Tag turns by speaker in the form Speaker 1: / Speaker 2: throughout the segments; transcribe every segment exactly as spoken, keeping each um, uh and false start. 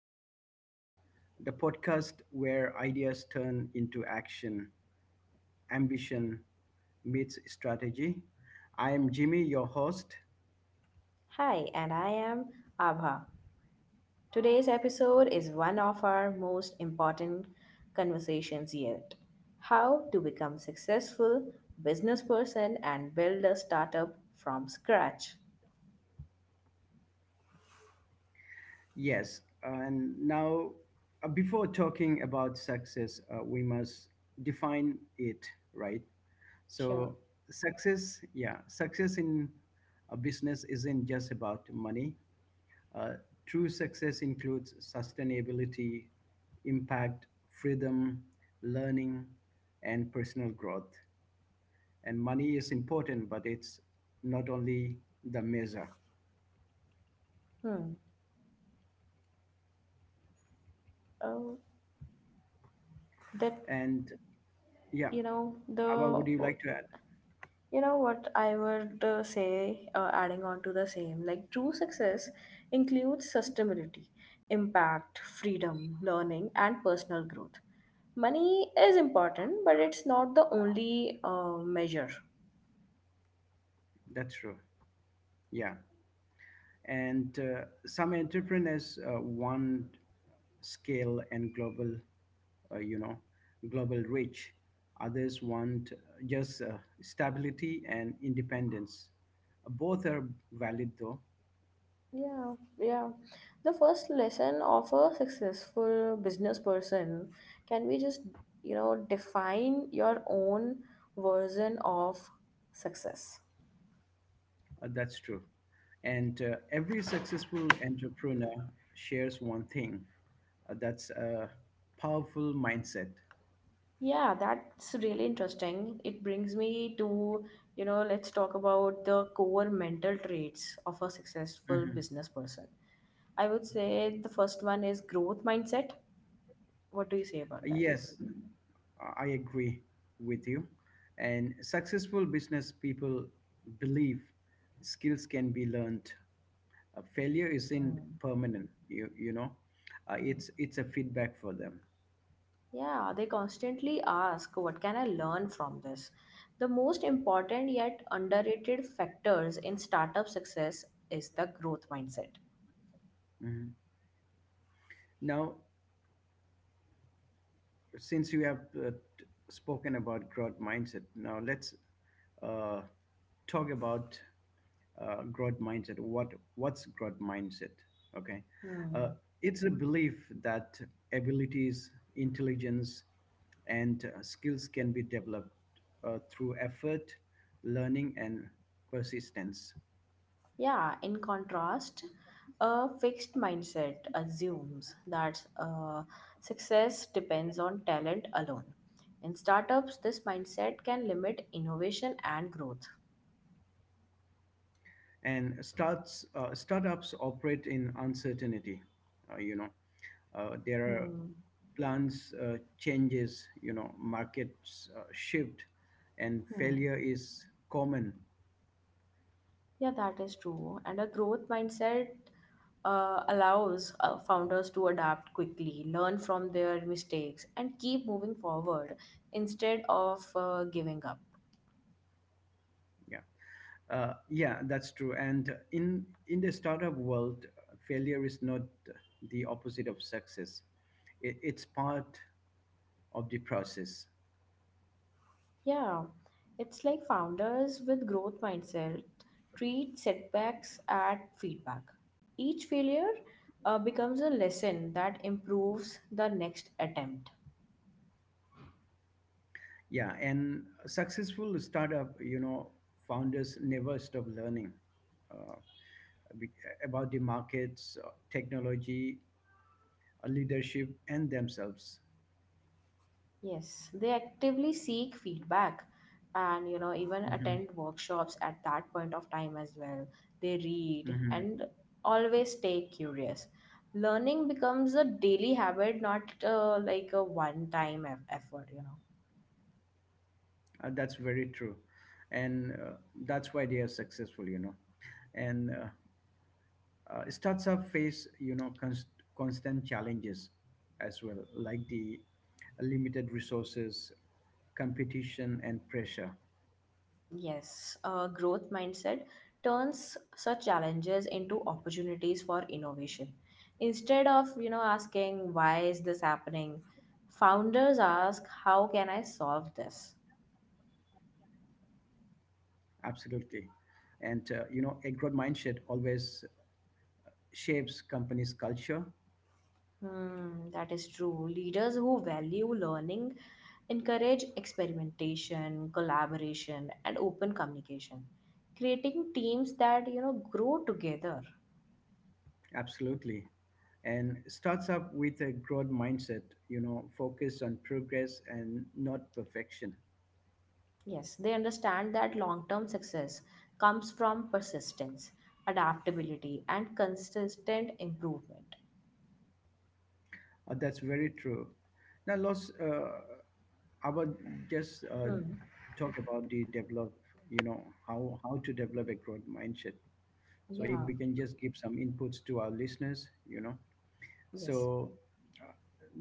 Speaker 1: Stories, the podcast where ideas turn into action, ambition meets strategy. I am Jimmy, your host.
Speaker 2: Hi, and I am Abha. Today's episode is one of our most important conversations yet. How to become successful business person and build a startup from scratch.
Speaker 1: Yes, and now uh, before talking about success, uh, we must define it, right?
Speaker 2: Sure.
Speaker 1: So, success, yeah, success in a business isn't just about money. Uh, True success includes sustainability, impact, freedom, learning, and personal growth. And money is important, but it's not only the measure.
Speaker 2: Hmm. Oh, that
Speaker 1: And yeah,
Speaker 2: you know
Speaker 1: Abba, would you
Speaker 2: the
Speaker 1: like to add?
Speaker 2: You know what I would uh, say, uh, adding on to the same, like true success includes sustainability, impact, freedom, learning, and personal growth. Money is important, but it's not the only uh, measure.
Speaker 1: That's true. Yeah. And uh, some entrepreneurs uh, want scale and global, uh, you know, global reach. Others want just uh, stability and independence. Both are valid, though.
Speaker 2: Yeah, yeah. The first lesson of a successful business person, can we just, you know, define your own version of success?
Speaker 1: Uh, that's true. And uh, every successful entrepreneur shares one thing. Uh, that's a powerful mindset.
Speaker 2: Yeah, that's really interesting. It brings me to, you know, let's talk about the core mental traits of a successful
Speaker 1: Mhm.
Speaker 2: business person. I would say the first one is growth mindset. What do you say about that?
Speaker 1: Yes, Uh, I agree with you. And successful business people believe skills can be learned. Uh, failure isn't
Speaker 2: Mm-hmm.
Speaker 1: permanent. You you know, uh, it's it's a feedback for them.
Speaker 2: Yeah, they constantly ask, what can I learn from this? The most important yet underrated factors in startup success is the growth mindset.
Speaker 1: Mhm. Now, since you have uh, t- spoken about growth mindset, now let's uh, talk about uh, growth mindset. What what's growth mindset? Okay, uh, it's a belief that abilities, intelligence, and uh, skills can be developed uh, through effort, learning, and persistence.
Speaker 2: Yeah, in contrast, a fixed mindset assumes that uh, success depends on talent alone. In startups, this mindset can limit innovation and growth.
Speaker 1: And starts uh, startups operate in uncertainty. Uh, you know, uh, there are
Speaker 2: Hmm.
Speaker 1: plans, uh, changes, you know, markets uh, shift, and
Speaker 2: Hmm.
Speaker 1: failure is common.
Speaker 2: Yeah, that is true. And a growth mindset uh, allows uh, founders to adapt quickly, learn from their mistakes, and keep moving forward instead of uh, giving up.
Speaker 1: Yeah, uh, yeah, that's true. And in in the startup world, failure is not the opposite of success. It, it's part of the process.
Speaker 2: Yeah, it's like founders with growth mindset treat setbacks at feedback. Each failure uh, becomes a lesson that improves the next attempt.
Speaker 1: Yeah, and successful startup, you know, founders never stop learning, uh, be- about the markets, uh, technology, uh, leadership, and themselves.
Speaker 2: Yes, they actively seek feedback, and you know even
Speaker 1: Hmm.
Speaker 2: attend workshops at that point of time as well. They read
Speaker 1: Hmm.
Speaker 2: and always stay curious. Learning becomes a daily habit, not uh, like a one time effort, you know.
Speaker 1: Uh, that's very true, and uh, that's why they are successful. You know, and uh, uh, starts face, you know, const- constant challenges as well, like the limited resources, competition, and pressure.
Speaker 2: Yes, a growth mindset turns such challenges into opportunities for innovation. Instead of, you know, asking why is this happening, founders ask how can I solve this?
Speaker 1: Absolutely, and uh, you know, a growth mindset always shapes companies' culture.
Speaker 2: Hmm, that is true. Leaders who value learning encourage experimentation, collaboration, and open communication, creating teams that, you know, grow together.
Speaker 1: Absolutely. And starts up with a growth mindset, you know, focus on progress and not perfection.
Speaker 2: Yes, they understand that long term success comes from persistence, adaptability, and consistent improvement.
Speaker 1: Uh, that's very true. Now, Los, uh, I would just uh,
Speaker 2: Hmm.
Speaker 1: talk about the develop, you know, how, how to develop a growth mindset. So if
Speaker 2: Yeah.
Speaker 1: we can just give some inputs to our listeners, you know.
Speaker 2: Yes.
Speaker 1: So uh,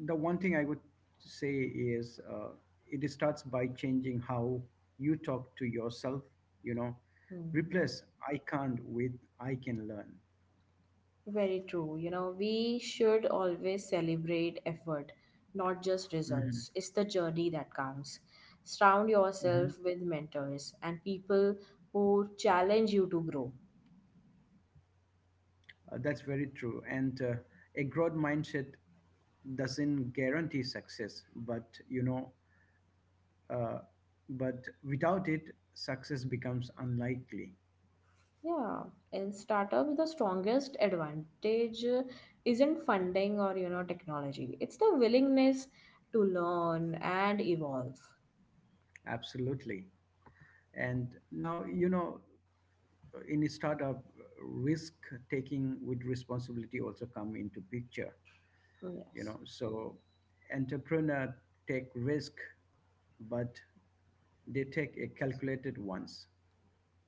Speaker 1: the one thing I would say is uh, it starts by changing how you talk to yourself. You know,
Speaker 2: Hmm.
Speaker 1: replace "I can't" with "I can learn."
Speaker 2: Very true. You know, we should always celebrate effort, not just
Speaker 1: Mhm,
Speaker 2: results. It's the journey that counts. Surround
Speaker 1: mhm.
Speaker 2: yourself with mentors and people who challenge you to grow.
Speaker 1: Uh, that's very true. And uh, a growth mindset doesn't guarantee success, but you know, uh, but without it, success becomes unlikely.
Speaker 2: Yeah, in startup, the strongest advantage uh, isn't funding or you know technology. It's the willingness to learn and evolve.
Speaker 1: Absolutely. And now, you know, in startup, risk taking with responsibility also come into picture. You
Speaker 2: Yes.
Speaker 1: know, so entrepreneur take risk, but they take a calculated ones.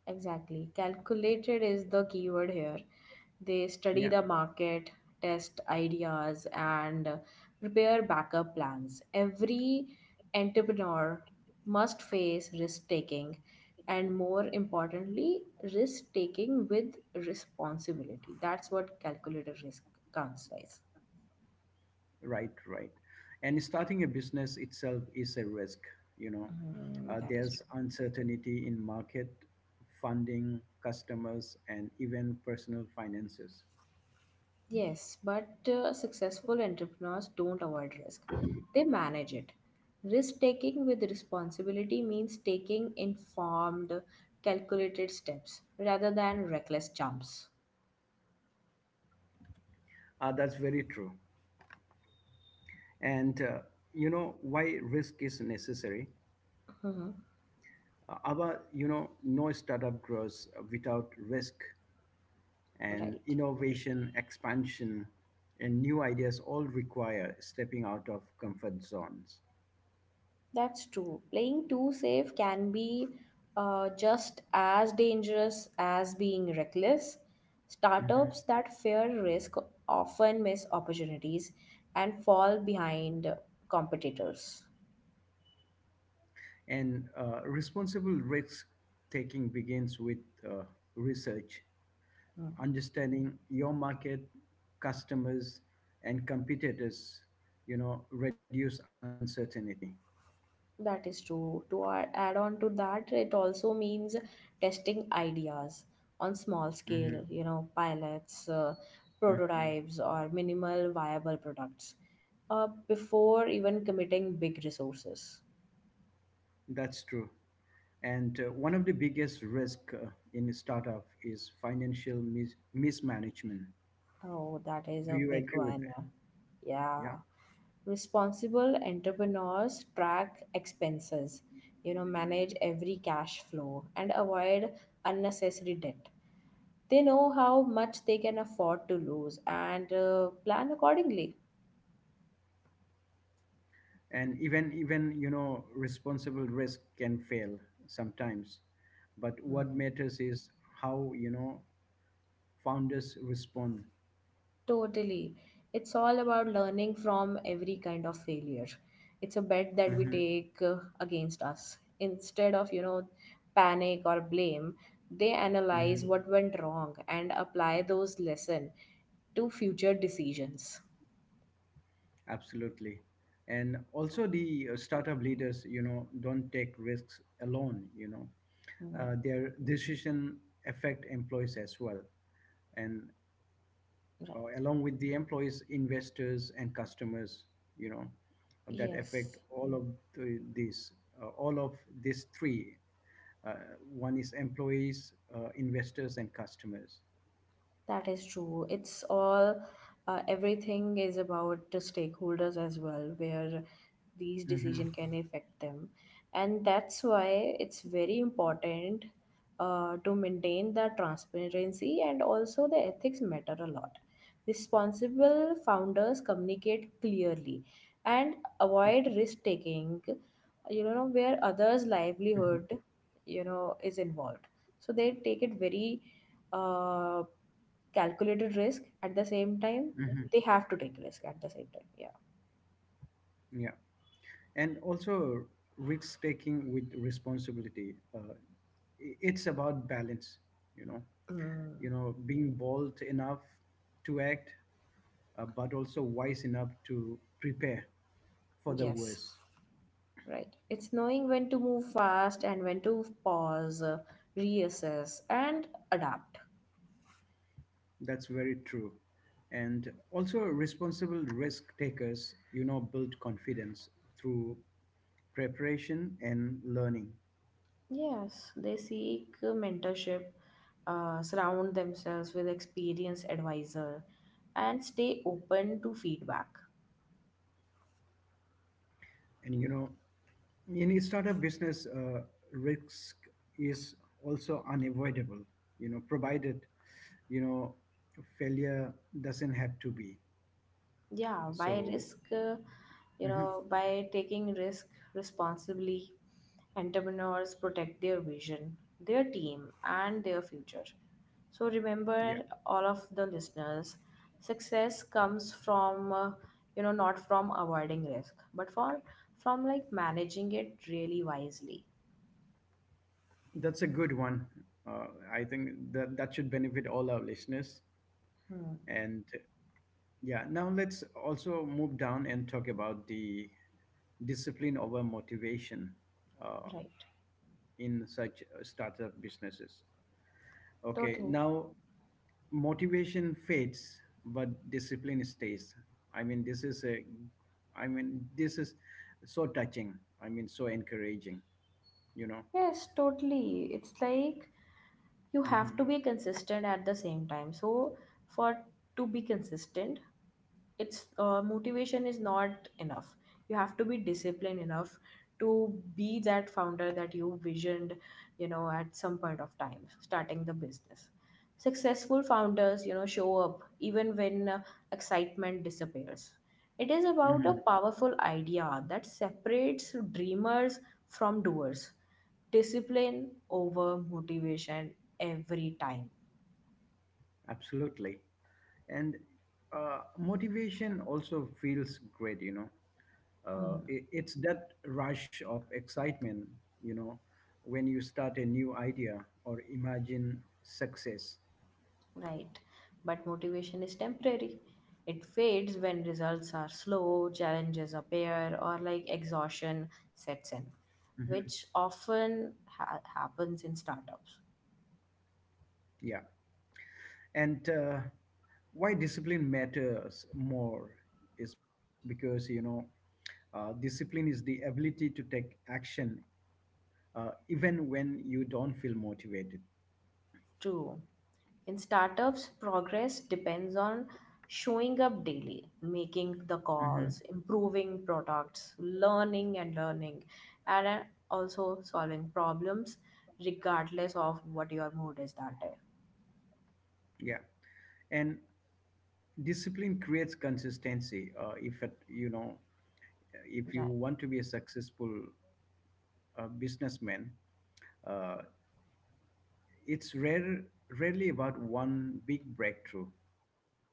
Speaker 2: Exactly. Calculated is the keyword here. They study
Speaker 1: Yeah.
Speaker 2: the market, test ideas, and uh, prepare backup plans. Every entrepreneur must face risk taking, and more importantly, risk taking with responsibility. That's what calculated risk counts as.
Speaker 1: Right, right. And starting a business itself is a risk. You know,
Speaker 2: Mm,
Speaker 1: uh,
Speaker 2: that is
Speaker 1: there's
Speaker 2: true.
Speaker 1: uncertainty in market, funding, customers, and even personal finances.
Speaker 2: Yes, but uh, successful entrepreneurs don't avoid risk, they manage it. Risk taking with responsibility means taking informed, calculated steps rather than reckless jumps.
Speaker 1: Uh, that's very true. And uh, you know, why risk is necessary?
Speaker 2: Hmm.
Speaker 1: Our, you know, no startup grows without risk, and
Speaker 2: Right.
Speaker 1: innovation, expansion, and new ideas all require stepping out of comfort zones.
Speaker 2: That's true. Playing too safe can be uh, just as dangerous as being reckless.
Speaker 1: Mhm.
Speaker 2: Startups that fear risk often miss opportunities and fall behind competitors.
Speaker 1: And uh, responsible risk taking begins with uh, research.
Speaker 2: Mm-hmm.
Speaker 1: Understanding your market, customers, and competitors, you know, reduce uncertainty.
Speaker 2: That is true. To a- add on to that, it also means testing ideas on small
Speaker 1: Mhm.
Speaker 2: scale, you know, pilots, uh,
Speaker 1: Mhm.
Speaker 2: prototypes, or minimal viable products uh, before even committing big resources.
Speaker 1: That's true. And uh, one of the biggest risk uh, in startup is financial mis- mismanagement.
Speaker 2: Oh, that is
Speaker 1: Do
Speaker 2: a
Speaker 1: you
Speaker 2: big
Speaker 1: agree with
Speaker 2: one.
Speaker 1: that? Yeah.
Speaker 2: Yeah. Responsible entrepreneurs track expenses, you know, manage every cash flow, and avoid unnecessary debt. They know how much they can afford to lose and uh, plan accordingly.
Speaker 1: And even even you know, responsible risk can fail sometimes, but what
Speaker 2: Hmm.
Speaker 1: matters is how, you know, founders respond.
Speaker 2: Totally. It's all about learning from every kind of failure. It's a bet that we
Speaker 1: Mhm,
Speaker 2: take uh, against us. Instead of, you know, panic or blame, they analyze
Speaker 1: mhm.
Speaker 2: what went wrong and apply those lessons to future decisions.
Speaker 1: Absolutely. And also, the uh, startup leaders, you know, don't take risks alone. You know,
Speaker 2: Hmm.
Speaker 1: uh, their decision affect employees as well, and uh,
Speaker 2: Right.
Speaker 1: along with the employees, investors, and customers, you know, that affect
Speaker 2: Yes.
Speaker 1: all of the, these, uh, all of these three. Uh, One is employees, uh, investors, and customers.
Speaker 2: That is true. It's all, uh, everything is about the stakeholders as well, where these
Speaker 1: Hmm.
Speaker 2: decision can affect them. And that's why it's very important uh, to maintain the transparency, and also the ethics matter a lot. Responsible founders communicate clearly and avoid risk taking, you know, where others' livelihood, you know, is involved. So they take it very uh, calculated risk at the same time.
Speaker 1: Hmm.
Speaker 2: They have to take risk at the same time, yeah.
Speaker 1: Yeah, and also risk taking with responsibility. Uh, i- it's about balance, you know.
Speaker 2: Mm,
Speaker 1: You know, being bold enough to act, uh, but also wise enough to prepare for the
Speaker 2: yes.
Speaker 1: worst.
Speaker 2: Right, it's knowing when to move fast and when to pause, uh, reassess, and adapt.
Speaker 1: That's very true. And also, responsible risk takers, you know, build confidence through preparation and learning.
Speaker 2: Yes, they seek uh, mentorship, uh, surround themselves with experienced advisor, and stay open to feedback.
Speaker 1: And, you know, in a startup business, uh, risk is also unavoidable, you know, provided, you know, failure doesn't have to be.
Speaker 2: Yeah, by
Speaker 1: So,
Speaker 2: risk uh, you
Speaker 1: mhm,
Speaker 2: know by taking risk responsibly, entrepreneurs protect their vision, their team, and their future. So remember,
Speaker 1: yeah,
Speaker 2: all of the listeners, success comes from uh, you know not from avoiding risk, but for from like managing it really wisely.
Speaker 1: that's a good one. Uh, I think that, that should benefit all our listeners.
Speaker 2: Hmm.
Speaker 1: And yeah, now let's also move down and talk about the discipline over motivation uh,
Speaker 2: Right.
Speaker 1: in such uh, startup businesses. Okay,
Speaker 2: Totally.
Speaker 1: now motivation fades, but discipline stays. I mean, this is a, I mean, this is so touching. I mean, so encouraging. You know.
Speaker 2: Yes, totally. It's like you have
Speaker 1: Hmm.
Speaker 2: to be consistent at the same time, so for to be consistent, it's uh, motivation is not enough. You have to be disciplined enough to be that founder that you visioned, you know at some point of time starting the business. Successful founders, you know show up even when uh, excitement disappears. It is about a
Speaker 1: Hmm.
Speaker 2: powerful idea that separates dreamers from doers. Discipline over motivation, every time.
Speaker 1: Absolutely, and uh, motivation also feels great. You know, uh,
Speaker 2: Hmm.
Speaker 1: i- it's that rush of excitement, you know, when you start a new idea or imagine success.
Speaker 2: Right. But motivation is temporary. It fades when results are slow, challenges appear, or like exhaustion sets in,
Speaker 1: Mhm.
Speaker 2: which often ha- happens in startups.
Speaker 1: Yeah. And uh, why discipline matters more is because, you know, uh, discipline is the ability to take action uh, even when you don't feel motivated.
Speaker 2: True. In startups, progress depends on showing up daily, making the
Speaker 1: Mhm.
Speaker 2: calls, improving products, learning and learning, and uh, also solving problems regardless of what your mood is that day.
Speaker 1: Yeah, and discipline creates consistency. Uh, if it, you know, if you
Speaker 2: Right.
Speaker 1: want to be successful uh, businessman, uh, it's rare, rarely about one big breakthrough. Okay,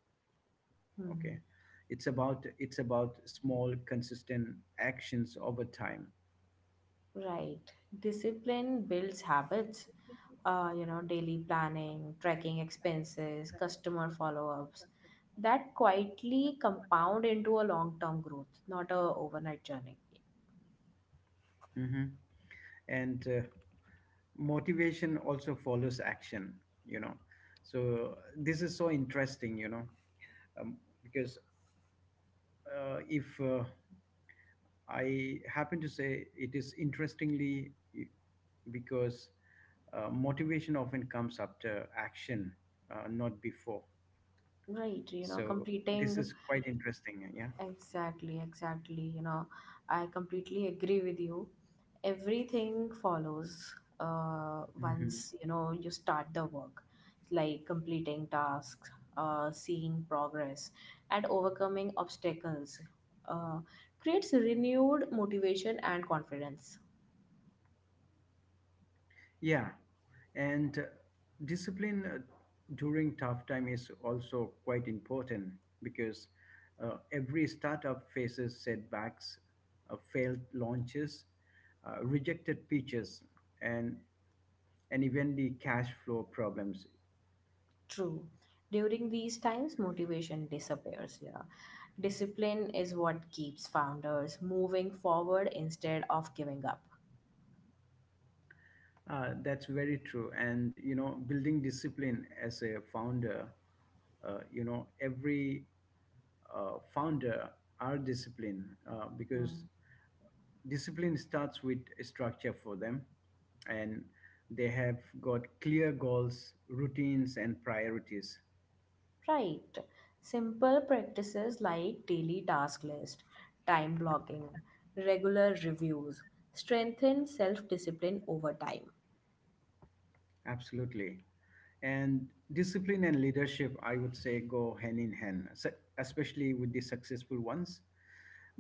Speaker 1: it's about it's
Speaker 2: Mhm.
Speaker 1: about small, consistent actions over time.
Speaker 2: Right. Discipline builds habits, uh, you know, daily planning, tracking expenses, customer follow ups that quietly compound into a long term growth, not a overnight journey.
Speaker 1: Hmm. And uh, motivation also follows action. You know, so this is so interesting. You know, um, because uh, if uh, I happen to say, it is interestingly because uh, motivation often comes after action, uh, not before.
Speaker 2: Right. You know,
Speaker 1: So this
Speaker 2: completing
Speaker 1: is quite interesting. Yeah.
Speaker 2: Exactly, exactly. You know, I completely agree with you. Everything follows uh,
Speaker 1: Hmm.
Speaker 2: once, you know, you start the work, like completing tasks, uh, seeing progress, and overcoming obstacles. Uh, creates renewed motivation and confidence.
Speaker 1: Yeah. And uh, discipline uh, during tough time is also quite important, because uh, every startup faces setbacks, uh, failed launches, uh, rejected pitches, and and even the cash flow problems.
Speaker 2: True. During these times, motivation disappears. Yeah. Discipline is what keeps founders moving forward instead of giving up.
Speaker 1: Uh, that's very true. And, you know, building discipline as a founder, uh, you know, every uh, founder are disciplined, uh, because
Speaker 2: Hmm.
Speaker 1: discipline starts with a structure for them, and they have got clear goals, routines, and priorities.
Speaker 2: Right. Simple practices like daily task list, time blocking, regular reviews strengthen self discipline over time.
Speaker 1: Absolutely. And discipline and leadership, I would say, go hand in hand, se- especially with the successful ones,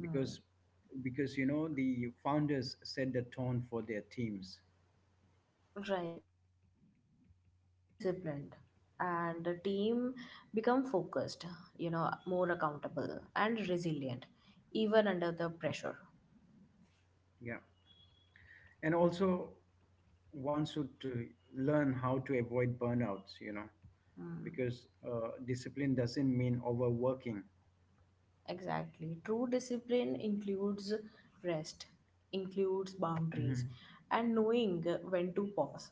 Speaker 1: because because you know, the founders set the tone for their teams.
Speaker 2: Right. When leaders are disciplined and the team become focused, you know, more accountable and resilient, even under the pressure.
Speaker 1: Yeah, and also one should to learn how to avoid burnouts. You know,
Speaker 2: Hmm.
Speaker 1: because uh, discipline doesn't mean overworking.
Speaker 2: Exactly. True discipline includes rest, includes boundaries,
Speaker 1: Hmm.
Speaker 2: and knowing when to pause,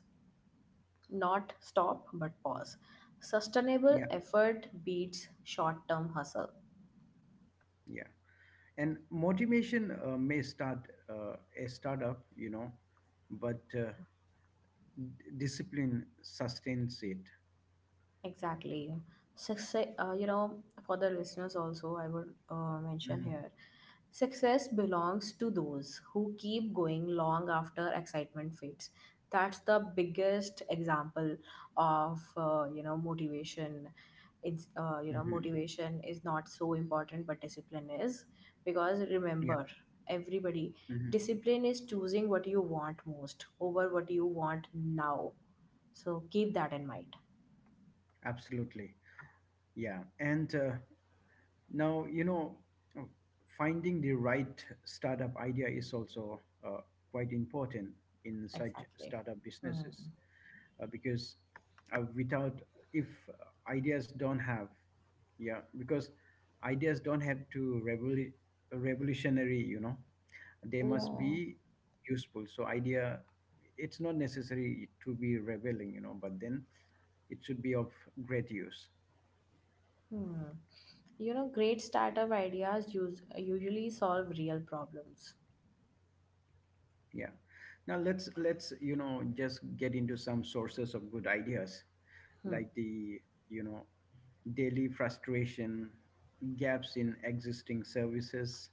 Speaker 2: not stop but pause. Sustainable
Speaker 1: Yeah,
Speaker 2: effort beats short term hustle.
Speaker 1: yeah. And motivation uh, may start uh, a startup, you know, but uh, d- discipline sustains it.
Speaker 2: Exactly. Success, uh, you know, for the listeners also, I would uh, mention
Speaker 1: Mhm,
Speaker 2: here, success belongs to those who keep going long after excitement fades. That's the biggest example of, uh, you know, motivation. It's, uh, you know,
Speaker 1: mhm,
Speaker 2: motivation is not so important, but discipline is. Because
Speaker 1: yeah,
Speaker 2: remember, everybody,
Speaker 1: mhm,
Speaker 2: discipline is choosing what you want most over what you want now. So keep that in mind.
Speaker 1: absolutely. Yeah. And uh, now, you know, uh, finding the right startup idea is also uh, quite important in such
Speaker 2: Exactly.
Speaker 1: startup
Speaker 2: Hmm.
Speaker 1: businesses, uh, because uh, without, if ideas don't have, yeah, because ideas don't have to revolu- revolutionary, you know, they must
Speaker 2: Yeah.
Speaker 1: be useful. So idea, it's not necessary to be revealing, you know, but then it should be of great use.
Speaker 2: Hmm. You know, great startup ideas use, usually solve real problems.
Speaker 1: Yeah, now let's let's you know, just get into some sources of good ideas,
Speaker 2: Hmm.
Speaker 1: like the, you know, daily frustration, gaps in existing services,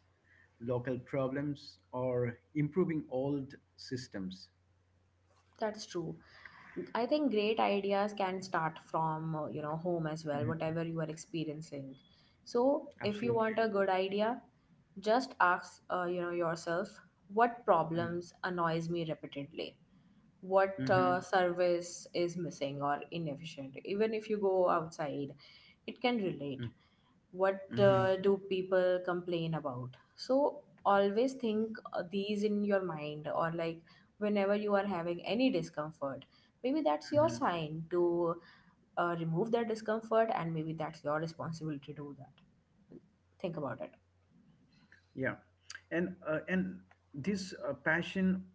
Speaker 1: local problems, or improving old systems.
Speaker 2: That's true. I think great ideas can start from, uh, you know, home as well,
Speaker 1: Mhm.
Speaker 2: whatever you are experiencing. So, if you want
Speaker 1: Absolutely.
Speaker 2: a good idea, just ask, uh, you know, yourself, what
Speaker 1: Mm-hmm.
Speaker 2: problems annoys me repeatedly? What uh,
Speaker 1: Mm-hmm.
Speaker 2: service is missing or inefficient? Even if you go outside, it can relate. What
Speaker 1: Mm-hmm.
Speaker 2: uh, do people complain about? So always think uh, these in your mind, or like whenever you are having any discomfort, maybe that's your
Speaker 1: Mm-hmm.
Speaker 2: sign to uh, remove that discomfort, and maybe that's your responsibility to do that. Think about it.
Speaker 1: Yeah, and uh, and this uh, passion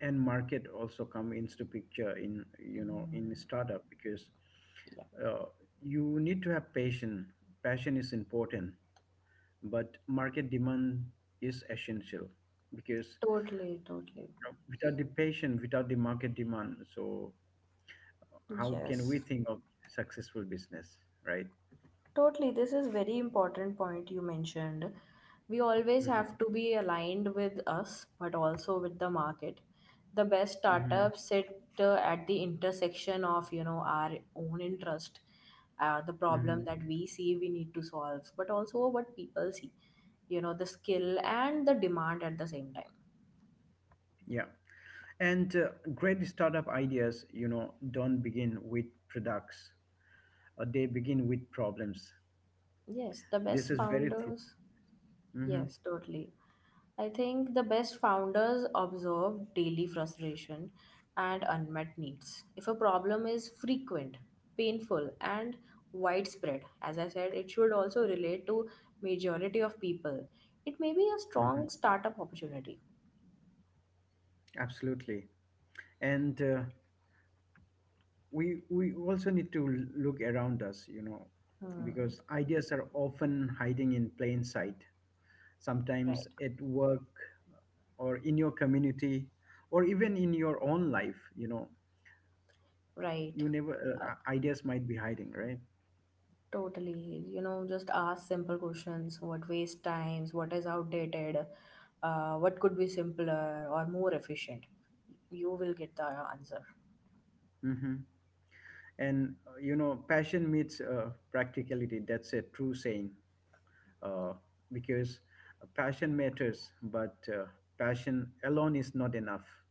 Speaker 1: and market also come into picture in, you know, in
Speaker 2: Mhm.
Speaker 1: startup, because
Speaker 2: Yeah.
Speaker 1: uh, you need to have passion. Passion is important, but market demand is essential, because,
Speaker 2: Totally, totally.
Speaker 1: you know, without the passion, without the market demand, so how can we
Speaker 2: Yes.
Speaker 1: think of successful business, right?
Speaker 2: Totally, this is very important point you mentioned. We always
Speaker 1: Mm-hmm.
Speaker 2: have to be aligned with us, but also with the market. The best
Speaker 1: Mm-hmm.
Speaker 2: startups sit uh, at the intersection of you know our own interest, uh, the problem
Speaker 1: Mm-hmm.
Speaker 2: that we see we need to solve, but also what people see. You know the skill and the demand at the same time.
Speaker 1: Yeah. And uh, great startup ideas, you know, don't begin with products. Uh, they begin with problems.
Speaker 2: Yes, the
Speaker 1: This
Speaker 2: best
Speaker 1: is very true.
Speaker 2: founders.
Speaker 1: Hmm.
Speaker 2: Yes, totally. I think the best founders observe daily frustration and unmet needs. If a problem is frequent, painful, and widespread, as I said, it should also relate to majority of people. It may be a strong
Speaker 1: Hmm.
Speaker 2: startup opportunity.
Speaker 1: Absolutely. And uh, we we also need to l- look around us, you know,
Speaker 2: Hmm.
Speaker 1: because ideas are often hiding in plain sight.
Speaker 2: Right.
Speaker 1: Sometimes at work, or in your community, or even in your own life, you know,
Speaker 2: Right.
Speaker 1: you never,
Speaker 2: Uh,
Speaker 1: uh, ideas might be hiding, right?
Speaker 2: Totally. You know, just ask simple questions. What waste times? What is outdated? Uh, what could be simpler or more efficient? You will get the answer.
Speaker 1: Mm-hmm. And uh, you know, passion meets uh, practicality, that's a true saying, uh, because uh, passion matters, but uh, passion alone is not enough.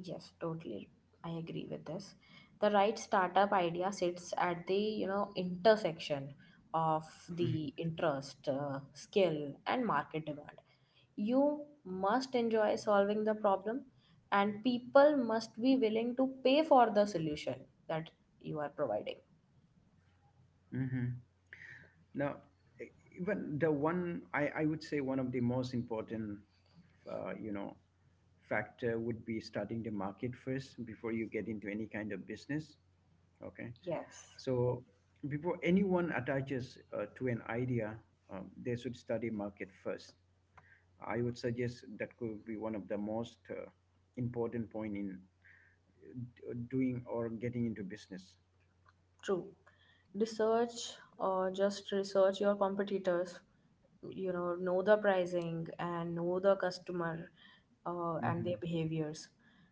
Speaker 2: Yes, totally. I agree with this. The right startup idea sits at the, you know, intersection of the interest, uh, skill, and market demand. You must enjoy solving the problem, and people must be willing to pay for the solution that you are providing.
Speaker 1: Hmm. Now, e- even the one I, I would say, one of the most important, uh, you know, factor would be studying the market first before you get into any kind of business. Okay,
Speaker 2: Yes,
Speaker 1: so before anyone attaches uh, to an idea, um, they should study market first. I would suggest that could be one of the most uh, important point in uh, doing or getting into business.
Speaker 2: true. Research or just research your competitors. You know, know the pricing and know the customer uh, and their
Speaker 1: Hmm.
Speaker 2: behaviors.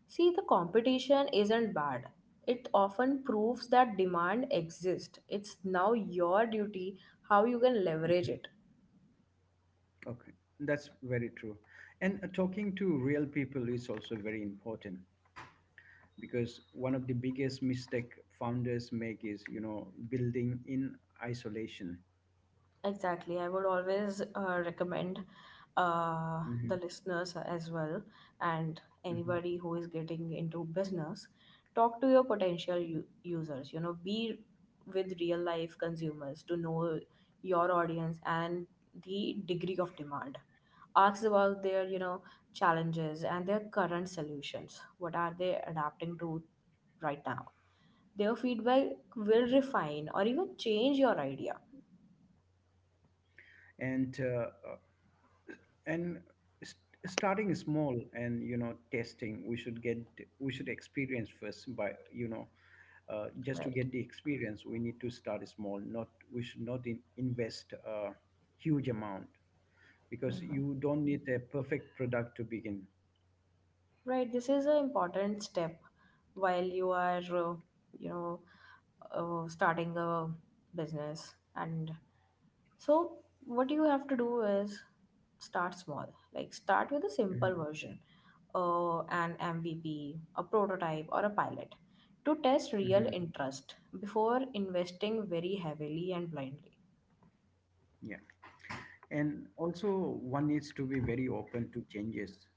Speaker 2: See, the competition isn't bad. It often proves that demand exists. It's now your duty how you can leverage it.
Speaker 1: Okay, that's very true. And uh, talking to real people is also very important, because one of the biggest mistake founders make is, you know, building in isolation.
Speaker 2: Exactly. I would always uh, recommend uh, the
Speaker 1: Hmm.
Speaker 2: listeners as well, and
Speaker 1: Hmm.
Speaker 2: anybody who is getting into business, talk to your potential u- users. You know, be with real life consumers to know your audience and the degree of demand. Ask about their, you know, challenges and their current solutions. What are they adapting to right now? Their feedback will refine or even change your idea,
Speaker 1: And uh, uh, and st- starting small and, you know, testing, we should get, we should experience first by, you know, uh, just to
Speaker 2: right?
Speaker 1: get the experience, we need to start small. Not We should not in, invest a huge amount, because you don't need a perfect product to begin.
Speaker 2: Right, this is an important step while you are, uh, you know, uh, starting a business. And so, what you have to do is start small, like start with a simple
Speaker 1: Mhm,
Speaker 2: version, uh, an M V P, a prototype, or a pilot to test real
Speaker 1: mhm,
Speaker 2: interest before investing very heavily and blindly.
Speaker 1: yeah. And also one needs to be very open to changes,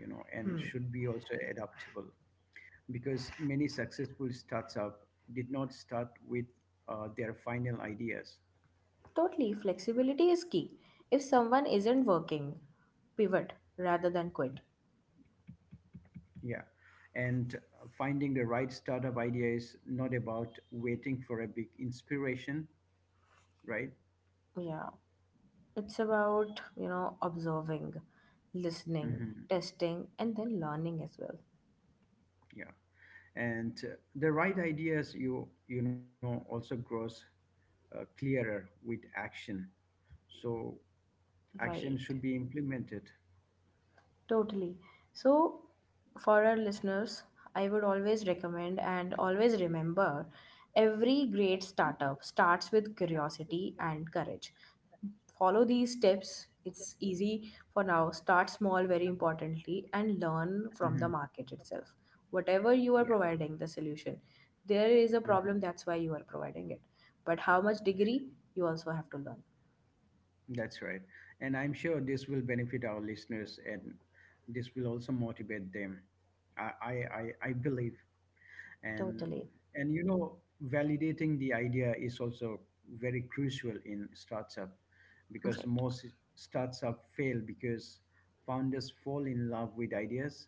Speaker 1: you know, and
Speaker 2: Hmm.
Speaker 1: should be also adaptable, because many successful startups did not start with uh, their final ideas.
Speaker 2: Totally, flexibility is key. If someone isn't working, pivot rather than quit.
Speaker 1: Yeah. And finding the right startup idea is not about waiting for a big inspiration, right?
Speaker 2: Yeah. It's about, you know, observing, listening,
Speaker 1: Hmm.
Speaker 2: testing, and then learning as well.
Speaker 1: Yeah, and uh, the right ideas, you you know, also grows uh, clearer with action. So action
Speaker 2: Right.
Speaker 1: should be implemented.
Speaker 2: Totally. So, for our listeners, I would always recommend and always remember every great startup starts with curiosity and courage. Follow these steps. It's easy for now. Start small, very importantly, and learn from the
Speaker 1: Hmm.
Speaker 2: market itself. Whatever you are
Speaker 1: Yeah,
Speaker 2: providing the solution, there is a
Speaker 1: hmm,
Speaker 2: problem, that's why you are providing it. But how much degree you also have to learn.
Speaker 1: that's right. And I'm sure this will benefit our listeners, and this will also motivate them. I I I, I believe. And
Speaker 2: Totally.
Speaker 1: and you know Validating the idea is also very crucial in startup because
Speaker 2: Right.
Speaker 1: most startup fail because founders fall in love with ideas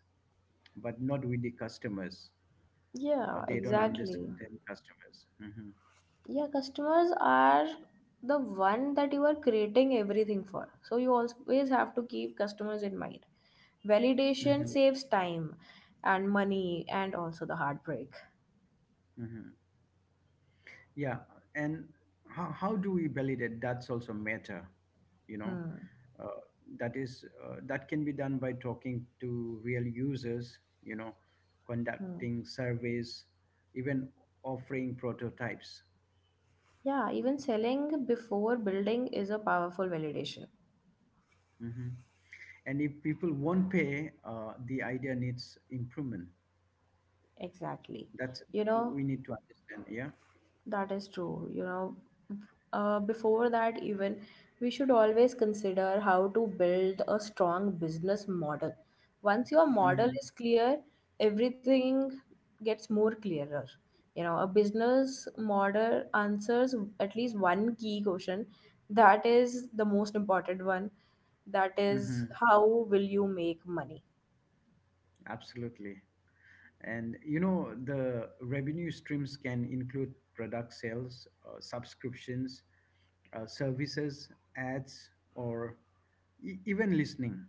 Speaker 1: but not with the customers, or
Speaker 2: Yeah,
Speaker 1: they don't
Speaker 2: exactly.
Speaker 1: understand the customers. hmm
Speaker 2: Yeah, customers are the one that you are creating everything for, so you always have to keep customers in mind. Validation
Speaker 1: hmm
Speaker 2: saves time and money and also the heartbreak.
Speaker 1: hmm yeah. And how, how do we validate, that's also matter, you know.
Speaker 2: Hmm.
Speaker 1: uh, that is uh, that can be done by talking to real users, you know,
Speaker 2: Hmm.
Speaker 1: conducting surveys, even offering prototypes.
Speaker 2: Yeah, even selling before building is a powerful validation.
Speaker 1: Mhm. And if people won't pay, uh, the idea needs improvement.
Speaker 2: Exactly,
Speaker 1: That's
Speaker 2: you know.
Speaker 1: We need to understand, yeah.
Speaker 2: That is true. You know, uh, before that, even we should always consider how to build a strong business model. Once your model
Speaker 1: Mhm.
Speaker 2: is clear, everything gets more clearer. You know, a business model answers at least one key question, that is the most important one. That is,
Speaker 1: Mhm.
Speaker 2: how will you make money?
Speaker 1: Absolutely. And you know, the revenue streams can include product sales, uh, subscriptions, uh, services, ads, or e- even listening.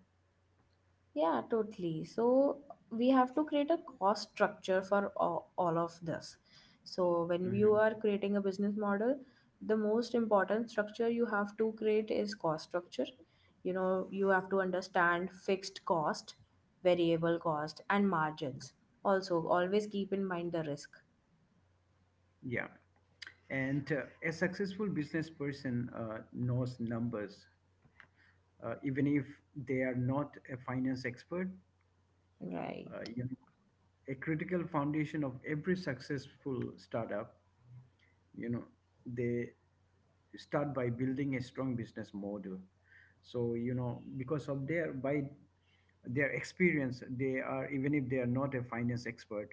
Speaker 2: Yeah, totally. So we have to create a cost structure for all, all of this. So when you
Speaker 1: Hmm.
Speaker 2: are creating a business model, the most important structure you have to create is cost structure. You know, you have to understand fixed cost, variable cost, and margins. Also, always keep in mind the risk.
Speaker 1: Yeah. And uh, a successful business person uh, knows numbers, uh, even if they are not a finance expert.
Speaker 2: Right.
Speaker 1: Uh, you know, a critical foundation of every successful startup, you know, they start by building a strong business model. So, you know, because of their by their experience, they are even if they are not a finance expert,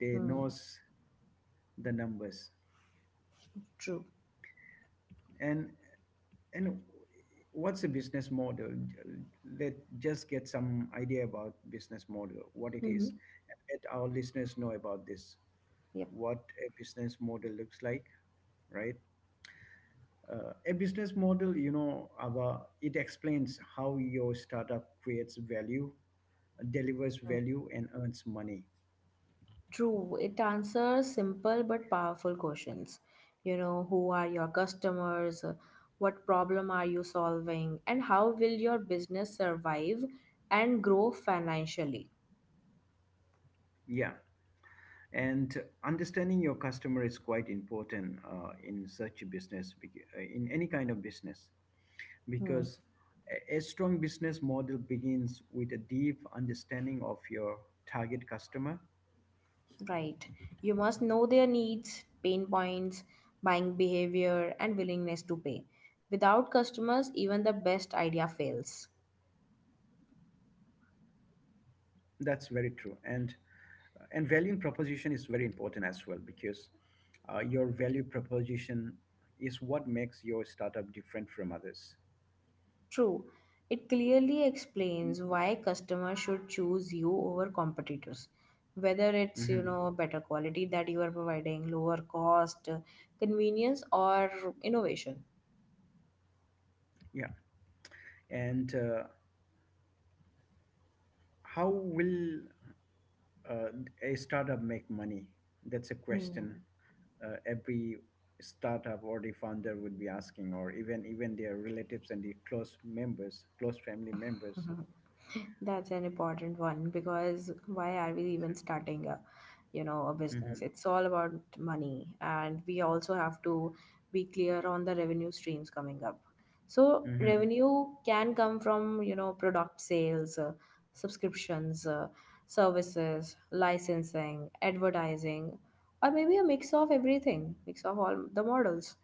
Speaker 1: they
Speaker 2: Hmm,
Speaker 1: knows the numbers.
Speaker 2: true.
Speaker 1: And And what's the business model? Let just get some idea about business model, what it is,
Speaker 2: Mm-hmm.
Speaker 1: and let our listeners know about this,
Speaker 2: Yep.
Speaker 1: what a business model looks like, right? Uh, a business model, you know, our, it explains how your startup creates value, delivers value, and earns money.
Speaker 2: True, it answers simple but powerful questions. You know, who are your customers? What problem are you solving? And how will your business survive and grow financially?
Speaker 1: Yeah. And understanding your customer is quite important uh, in such a business, bec- uh, in any kind of business,
Speaker 2: Hmm,
Speaker 1: because a a strong business model begins with a deep understanding of your target customer.
Speaker 2: right. You must know their needs, pain points, buying behavior, and willingness to pay. Without customers, even the best idea fails.
Speaker 1: That's very true. And and valuing proposition is very important as well, because uh, your value proposition is what makes your startup different from others.
Speaker 2: True. It clearly explains why customers should choose you over competitors. Whether it's, you
Speaker 1: Hmm.
Speaker 2: know, better quality that you are providing, lower cost, convenience, or innovation.
Speaker 1: Yeah. And uh, how will uh, a startup make money? That's a question
Speaker 2: Hmm.
Speaker 1: uh, every startup or the founder would be asking, or even even their relatives and the close members, close family members.
Speaker 2: Mm-hmm. That's an important one because why are we
Speaker 1: So,
Speaker 2: even starting a, you know, a business?
Speaker 1: hmm
Speaker 2: It's all about money, and we also have to be clear on the revenue streams coming up. So
Speaker 1: hmm
Speaker 2: revenue can come from, you know, product sales, uh, subscriptions, uh, services, licensing, advertising, or maybe a mix of everything, mix of all the models.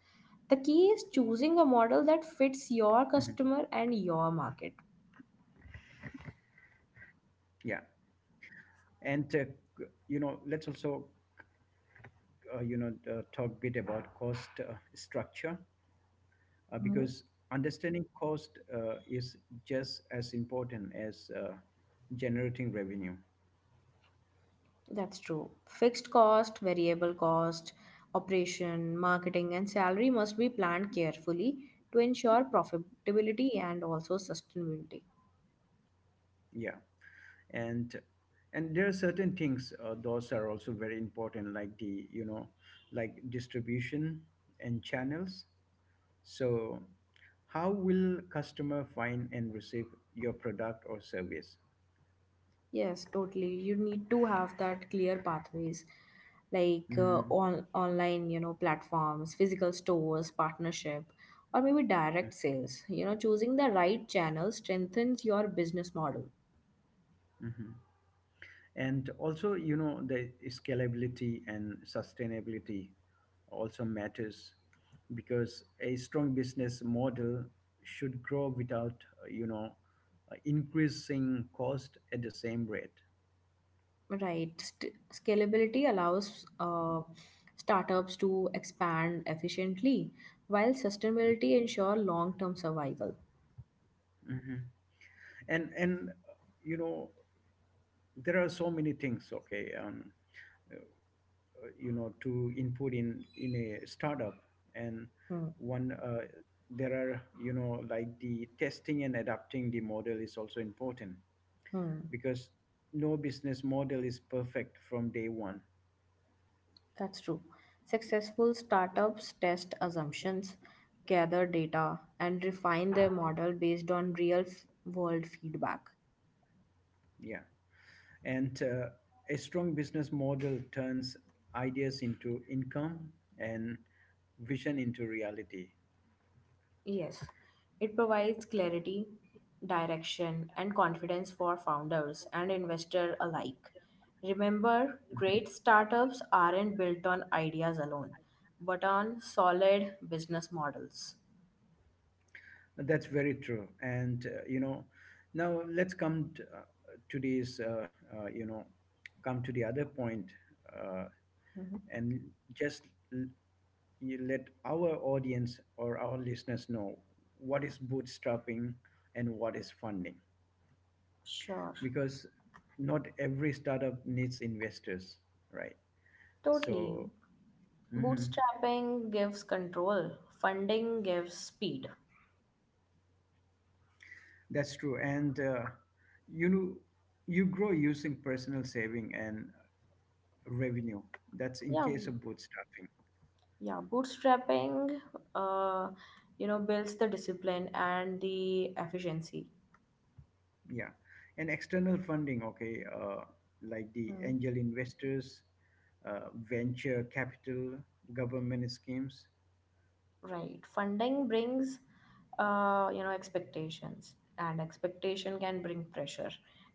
Speaker 2: The key is choosing a
Speaker 1: hmm
Speaker 2: model that fits your customer and your market.
Speaker 1: yeah. And uh, c- you know, let's also uh, you know uh, talk a bit about cost uh, structure, uh, because
Speaker 2: Mhm.
Speaker 1: understanding cost uh, is just as important as uh, generating revenue.
Speaker 2: That's true. Fixed cost, variable cost, operation, marketing, and salary must be planned carefully to ensure profitability and also sustainability.
Speaker 1: Yeah. and and there are certain things, uh, those are also very important, like the, you know, like distribution and channels. So how will customer find and receive your product or service?
Speaker 2: Yes, totally. You need to have that clear pathways like uh,
Speaker 1: Mm-hmm.
Speaker 2: on online, you know, platforms, physical stores, partnership, or maybe direct sales. You know, choosing the right channel strengthens your business model.
Speaker 1: Mm-hmm. And also, you know, the scalability and sustainability also matters, because a strong business model should grow without, uh, you know uh, increasing cost at the same rate.
Speaker 2: Right. St- scalability allows uh, startups to expand efficiently, while sustainability ensure long-term survival.
Speaker 1: Mhm. and and uh, you know, there are so many things, okay, um, uh, you know, to input in in a startup. And
Speaker 2: Hmm.
Speaker 1: one, uh, there are, you know, like the testing and adapting the model is also important,
Speaker 2: Hmm.
Speaker 1: because no business model is perfect from day one.
Speaker 2: That's true. Successful startups test assumptions, gather data, and refine their model based on real-world feedback.
Speaker 1: Yeah. And uh, a strong business model turns ideas into income and vision into reality.
Speaker 2: Yes, it provides clarity, direction, and confidence for founders and investors alike. Remember, great startups aren't built on ideas alone, but on solid business models.
Speaker 1: That's very true. And, uh, you know, now let's come to, uh, to this, uh, uh, you know, come to the other point, uh,
Speaker 2: Mhm.
Speaker 1: and just l- you let our audience or our listeners know what is bootstrapping and what is funding.
Speaker 2: Sure,
Speaker 1: Because not every startup needs investors, right?
Speaker 2: totally.
Speaker 1: So, mhm.
Speaker 2: Bootstrapping gives control, funding gives speed.
Speaker 1: That's true. And uh, you know, you grow using personal saving and revenue. That's in
Speaker 2: Yeah,
Speaker 1: case of bootstrapping.
Speaker 2: yeah. Bootstrapping, uh, you know, builds the discipline and the efficiency.
Speaker 1: Yeah. And external funding, okay, uh, like the angel investors, uh, venture capital, government schemes.
Speaker 2: Right. Funding brings, uh, you know, expectations, and expectation can bring pressure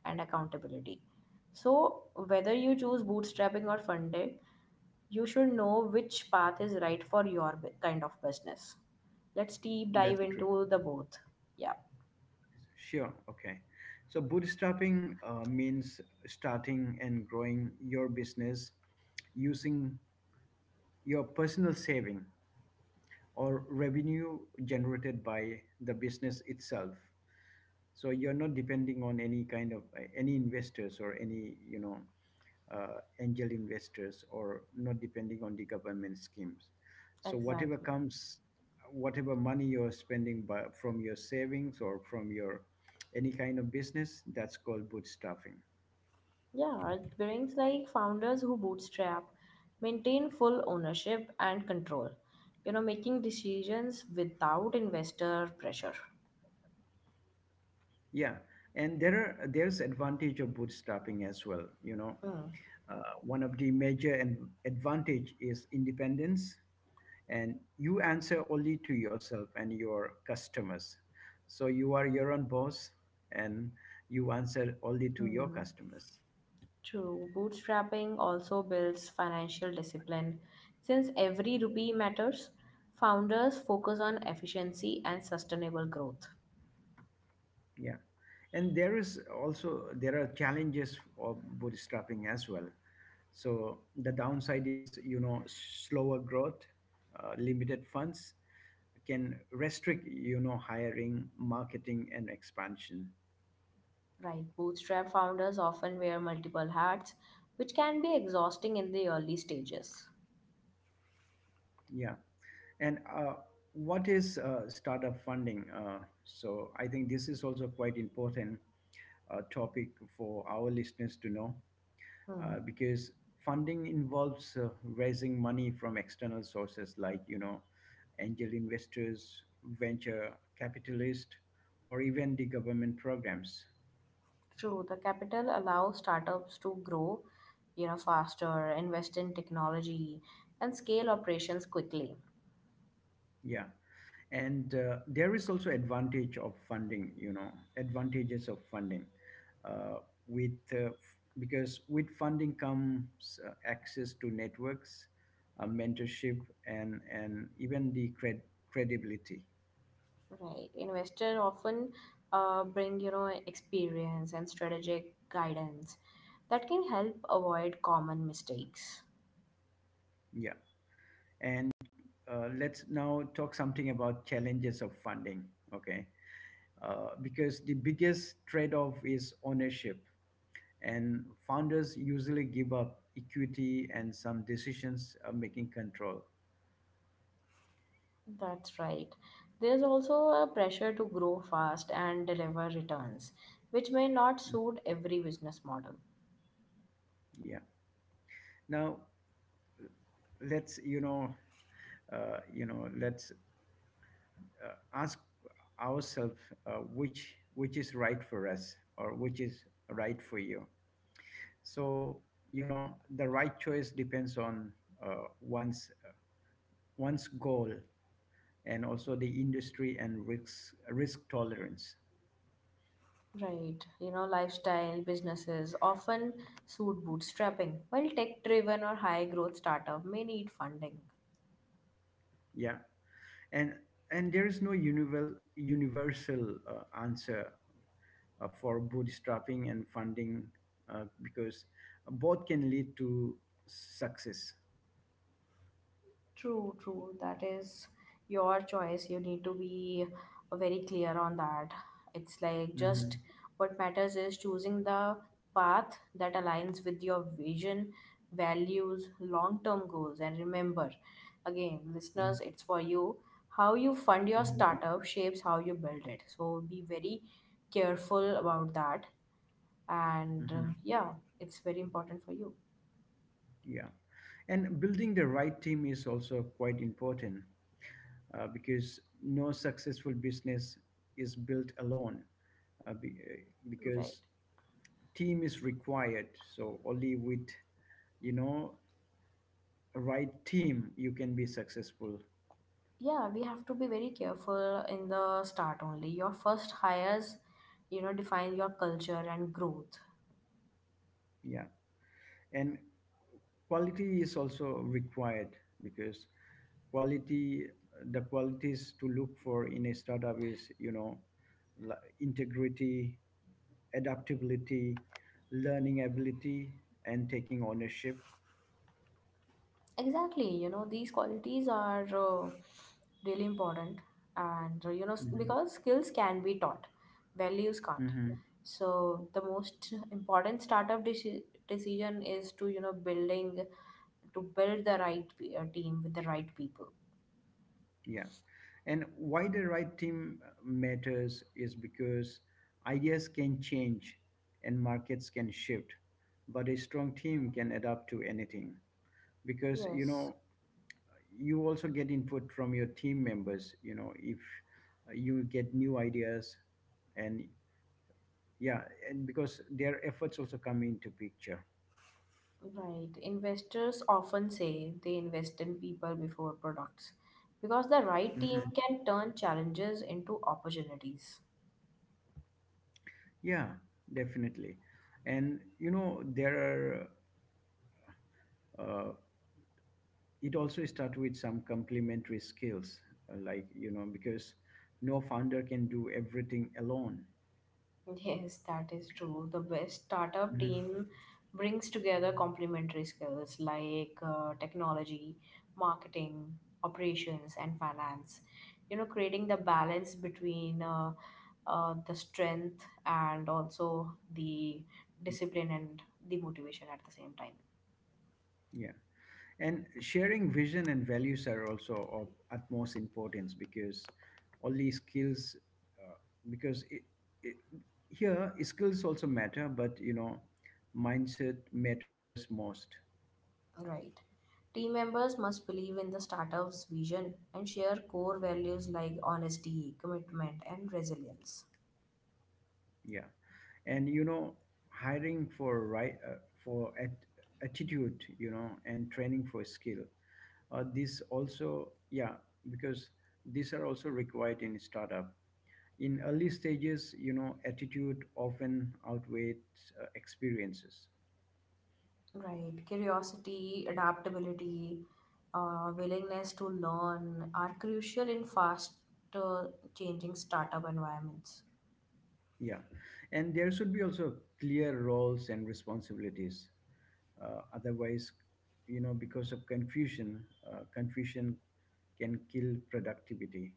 Speaker 2: and accountability. So, whether you choose bootstrapping or funding, you should know which path is right for your bu- kind of business. Let's deep
Speaker 1: That's
Speaker 2: dive
Speaker 1: true.
Speaker 2: into the both. Yeah,
Speaker 1: Sure. Okay. So bootstrapping uh, means starting and growing your business using your personal saving or revenue generated by the business itself. So you're not depending on any kind of, uh, any investors or any, you know, uh, angel investors, or not depending on the government schemes. So whatever
Speaker 2: exactly.
Speaker 1: comes, whatever money you're spending by, from your savings or from your any kind of business, that's called bootstrapping.
Speaker 2: Yeah, it brings like founders who bootstrap maintain full ownership and control, you know, making decisions without investor pressure.
Speaker 1: Yeah. And there are there's advantage of bootstrapping as well. You know,
Speaker 2: Hmm.
Speaker 1: uh, one of the major and advantage is independence, and you answer only to yourself and your customers, so you are your own boss, and you answer only to your
Speaker 2: Hmm,
Speaker 1: customers.
Speaker 2: true. Bootstrapping also builds financial discipline. Since every rupee matters, founders focus on efficiency and sustainable growth.
Speaker 1: Yeah. And there is also there are challenges of bootstrapping as well. So the downside is, you know, slower growth, uh, limited funds can restrict, you know, hiring, marketing, and expansion.
Speaker 2: Right. Bootstrap founders often wear multiple hats, which can be exhausting in the early stages.
Speaker 1: Yeah. And uh, what is uh, startup funding? Uh, so I think this is also quite important uh, topic for our listeners to know,
Speaker 2: Hmm.
Speaker 1: uh, because funding involves uh, raising money from external sources like, you know, angel investors, venture capitalists, or even the government programs.
Speaker 2: True. The capital allows startups to grow, you know, faster, invest in technology, and scale operations quickly.
Speaker 1: Yeah. And uh, there is also advantage of funding you know advantages of funding, uh, with uh, f- because with funding comes uh, access to networks, uh, mentorship, and and even the cred- credibility.
Speaker 2: Right. Investor often uh, bring you know experience and strategic guidance that can help avoid common mistakes.
Speaker 1: Yeah. And uh, let's now talk something about challenges of funding, okay. Uh, because the biggest trade-off is ownership, and founders usually give up equity and some decisions, uh, making control.
Speaker 2: That's right. There's also a pressure to grow fast and deliver returns, which may not
Speaker 1: Mm,
Speaker 2: suit every business model.
Speaker 1: yeah. Now let's, you know uh, you know let's uh, ask ourselves, uh, which which is right for us, or which is right for you. So, you know, the right choice depends on, uh, one's one's goal, and also the industry and risk risk tolerance.
Speaker 2: Right. You know, lifestyle businesses often suit bootstrapping, while tech driven or high growth startup may need funding.
Speaker 1: Yeah. And and there is no univel- universal uh, answer uh, for bootstrapping and funding, uh, because both can lead to success.
Speaker 2: True, true. That is your choice. You need to be uh, very clear on that. It's like just
Speaker 1: Hmm
Speaker 2: what matters is choosing the path that aligns with your vision, values, long term goals. And remember, again, listeners, it's for you. How you fund your
Speaker 1: hmm
Speaker 2: startup shapes how you build it. So be very careful about that. And uh,
Speaker 1: hmm.
Speaker 2: yeah, it's very important for you.
Speaker 1: Yeah. And building the right team is also quite important, uh, because no successful business is built alone, uh, be, uh,
Speaker 2: Right.
Speaker 1: because team is required. So only with, you know, right team you can be successful.
Speaker 2: Yeah, we have to be very careful in the start only. Your first hires, you know, define your culture and growth.
Speaker 1: Yeah. And quality is also required, because quality, the qualities to look for in a startup is, you know, li- integrity, adaptability, learning ability, and taking ownership.
Speaker 2: Exactly, you know, these qualities are uh, really important, and uh, you know, s-
Speaker 1: Mhm.
Speaker 2: because skills can be taught, values can't.
Speaker 1: Mhm.
Speaker 2: So the most important startup deci- decision is to, you know, building to build the right pe- uh, team with the right people.
Speaker 1: Yeah. And why the right team matters is because ideas can change and markets can shift, but a strong team can adapt to anything. Because, you
Speaker 2: Yes.
Speaker 1: know, you also get input from your team members, you know, if uh, you get new ideas. And yeah, and because their efforts also come into picture.
Speaker 2: Right. Investors often say they invest in people before products because the right team
Speaker 1: Mhm.
Speaker 2: can turn challenges into opportunities.
Speaker 1: Yeah, definitely. And you know, there are, uh, it also starts with some complementary skills, uh, like, you know, because no founder can do everything alone.
Speaker 2: Yes, that is true. The best startup
Speaker 1: Mhm.
Speaker 2: team brings together complementary skills like uh, technology, marketing, operations, and finance. You know, creating the balance between uh, uh, the strength and also the
Speaker 1: Mhm.
Speaker 2: discipline and the motivation at the same time.
Speaker 1: Yeah. And sharing vision and values are also of utmost importance, because only skills, uh, because it, it, here skills also matter, but you know, mindset matters most.
Speaker 2: Right. Team members must believe in the startup's vision and share core values like honesty, commitment, and resilience.
Speaker 1: Yeah. And you know, hiring for right, uh, for at, attitude, you know, and training for skill. Uh, this also, yeah, because these are also required in startup. In early stages, you know, attitude often outweighs uh, experiences.
Speaker 2: Right. Curiosity, adaptability, uh, willingness to learn are crucial in fast uh, changing startup environments.
Speaker 1: Yeah. And there should be also clear roles and responsibilities. Uh, otherwise, you know, because of confusion, uh, confusion can kill productivity.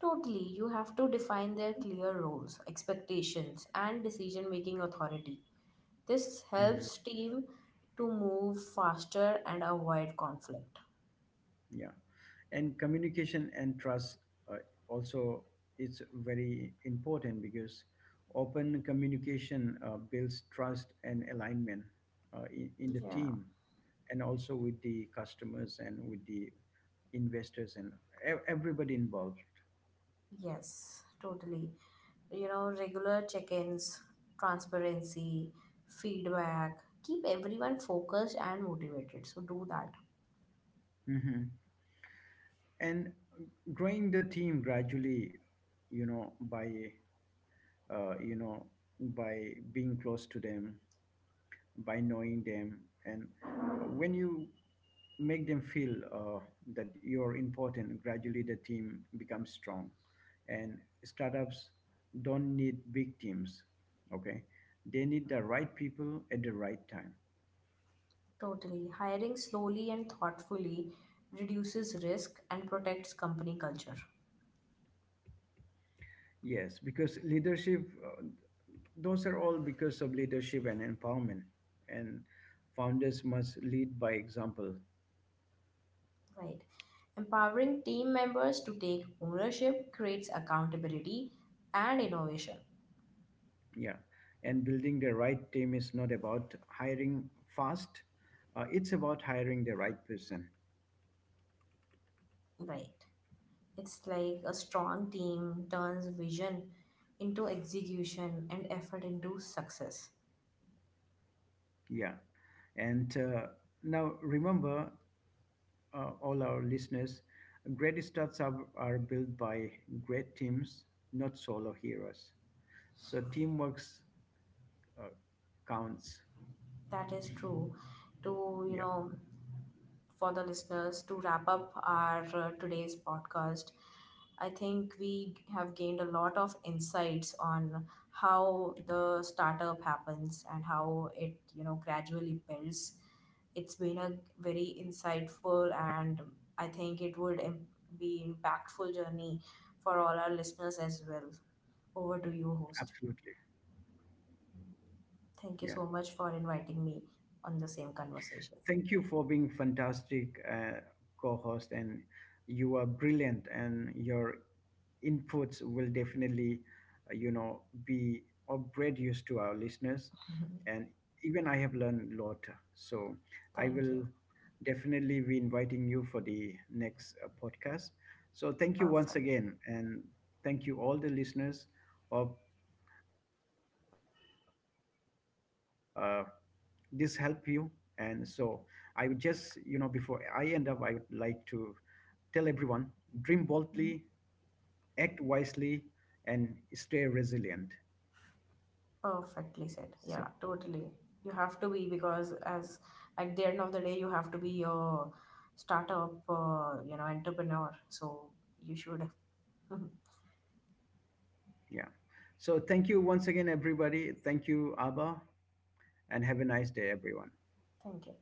Speaker 2: Totally. You have to define their clear roles, expectations, and decision making authority. This
Speaker 1: Mm-hmm.
Speaker 2: helps team to move faster and avoid conflict.
Speaker 1: Yeah. And communication and trust, uh, also is very important, because open communication uh, builds trust and alignment, uh, in, in the
Speaker 2: Yeah.
Speaker 1: team, and also with the customers and with the investors and ev- everybody involved.
Speaker 2: Yes, totally. You know, regular check ins, transparency, feedback, keep everyone focused and motivated. So, do that.
Speaker 1: Hmm. And growing the team gradually, you know, by uh, you know by being close to them, by knowing them, and when you make them feel, uh, that you're important, gradually the team becomes strong. And startups don't need big teams, okay, they need the right people at the right time.
Speaker 2: Totally. Hiring slowly and thoughtfully reduces risk and protects company culture.
Speaker 1: Yes, because leadership, uh, those are all because of leadership and empowerment, and founders must lead by example.
Speaker 2: Right. Empowering team members to take ownership creates accountability and innovation.
Speaker 1: Yeah. And building the right team is not about hiring fast, uh, it's about hiring the right person.
Speaker 2: Right. It's like a strong team turns vision into execution and effort into success.
Speaker 1: Yeah. And uh, now remember, uh, all our listeners, great starts are, are built by great teams, not solo heroes. So teamwork uh, counts.
Speaker 2: That is true. To, you
Speaker 1: Yeah,
Speaker 2: know, for the listeners, to wrap up our uh, today's podcast, I think we have gained a lot of insights on how the startup happens and how it, you know, gradually builds. It's been a very insightful and I think it would im- be impactful journey for all our listeners as well. Over to you, host.
Speaker 1: absolutely.
Speaker 2: Thank you
Speaker 1: Yeah.
Speaker 2: so much for inviting me on the same conversation.
Speaker 1: Thank you for being fantastic uh, co-host, and you are brilliant, and your inputs will definitely, uh, you know, be of great use to our listeners. And even I have learned a lot, so I
Speaker 2: Thank you.
Speaker 1: will definitely be inviting you for the next uh, podcast. So thank you once
Speaker 2: Perfect.
Speaker 1: again, and thank you all the listeners. Hope uh, this help you. And so I would just, you know, before I end up I would like to tell everyone: dream boldly, act wisely, and stay resilient.
Speaker 2: Perfectly said.
Speaker 1: So
Speaker 2: Yeah, totally. You have to be because as at the end of the day, you have to be a startup, uh, you know, entrepreneur. So you should.
Speaker 1: yeah, so thank you once again everybody, thank you Abba, and have a nice day everyone.
Speaker 2: Thank you.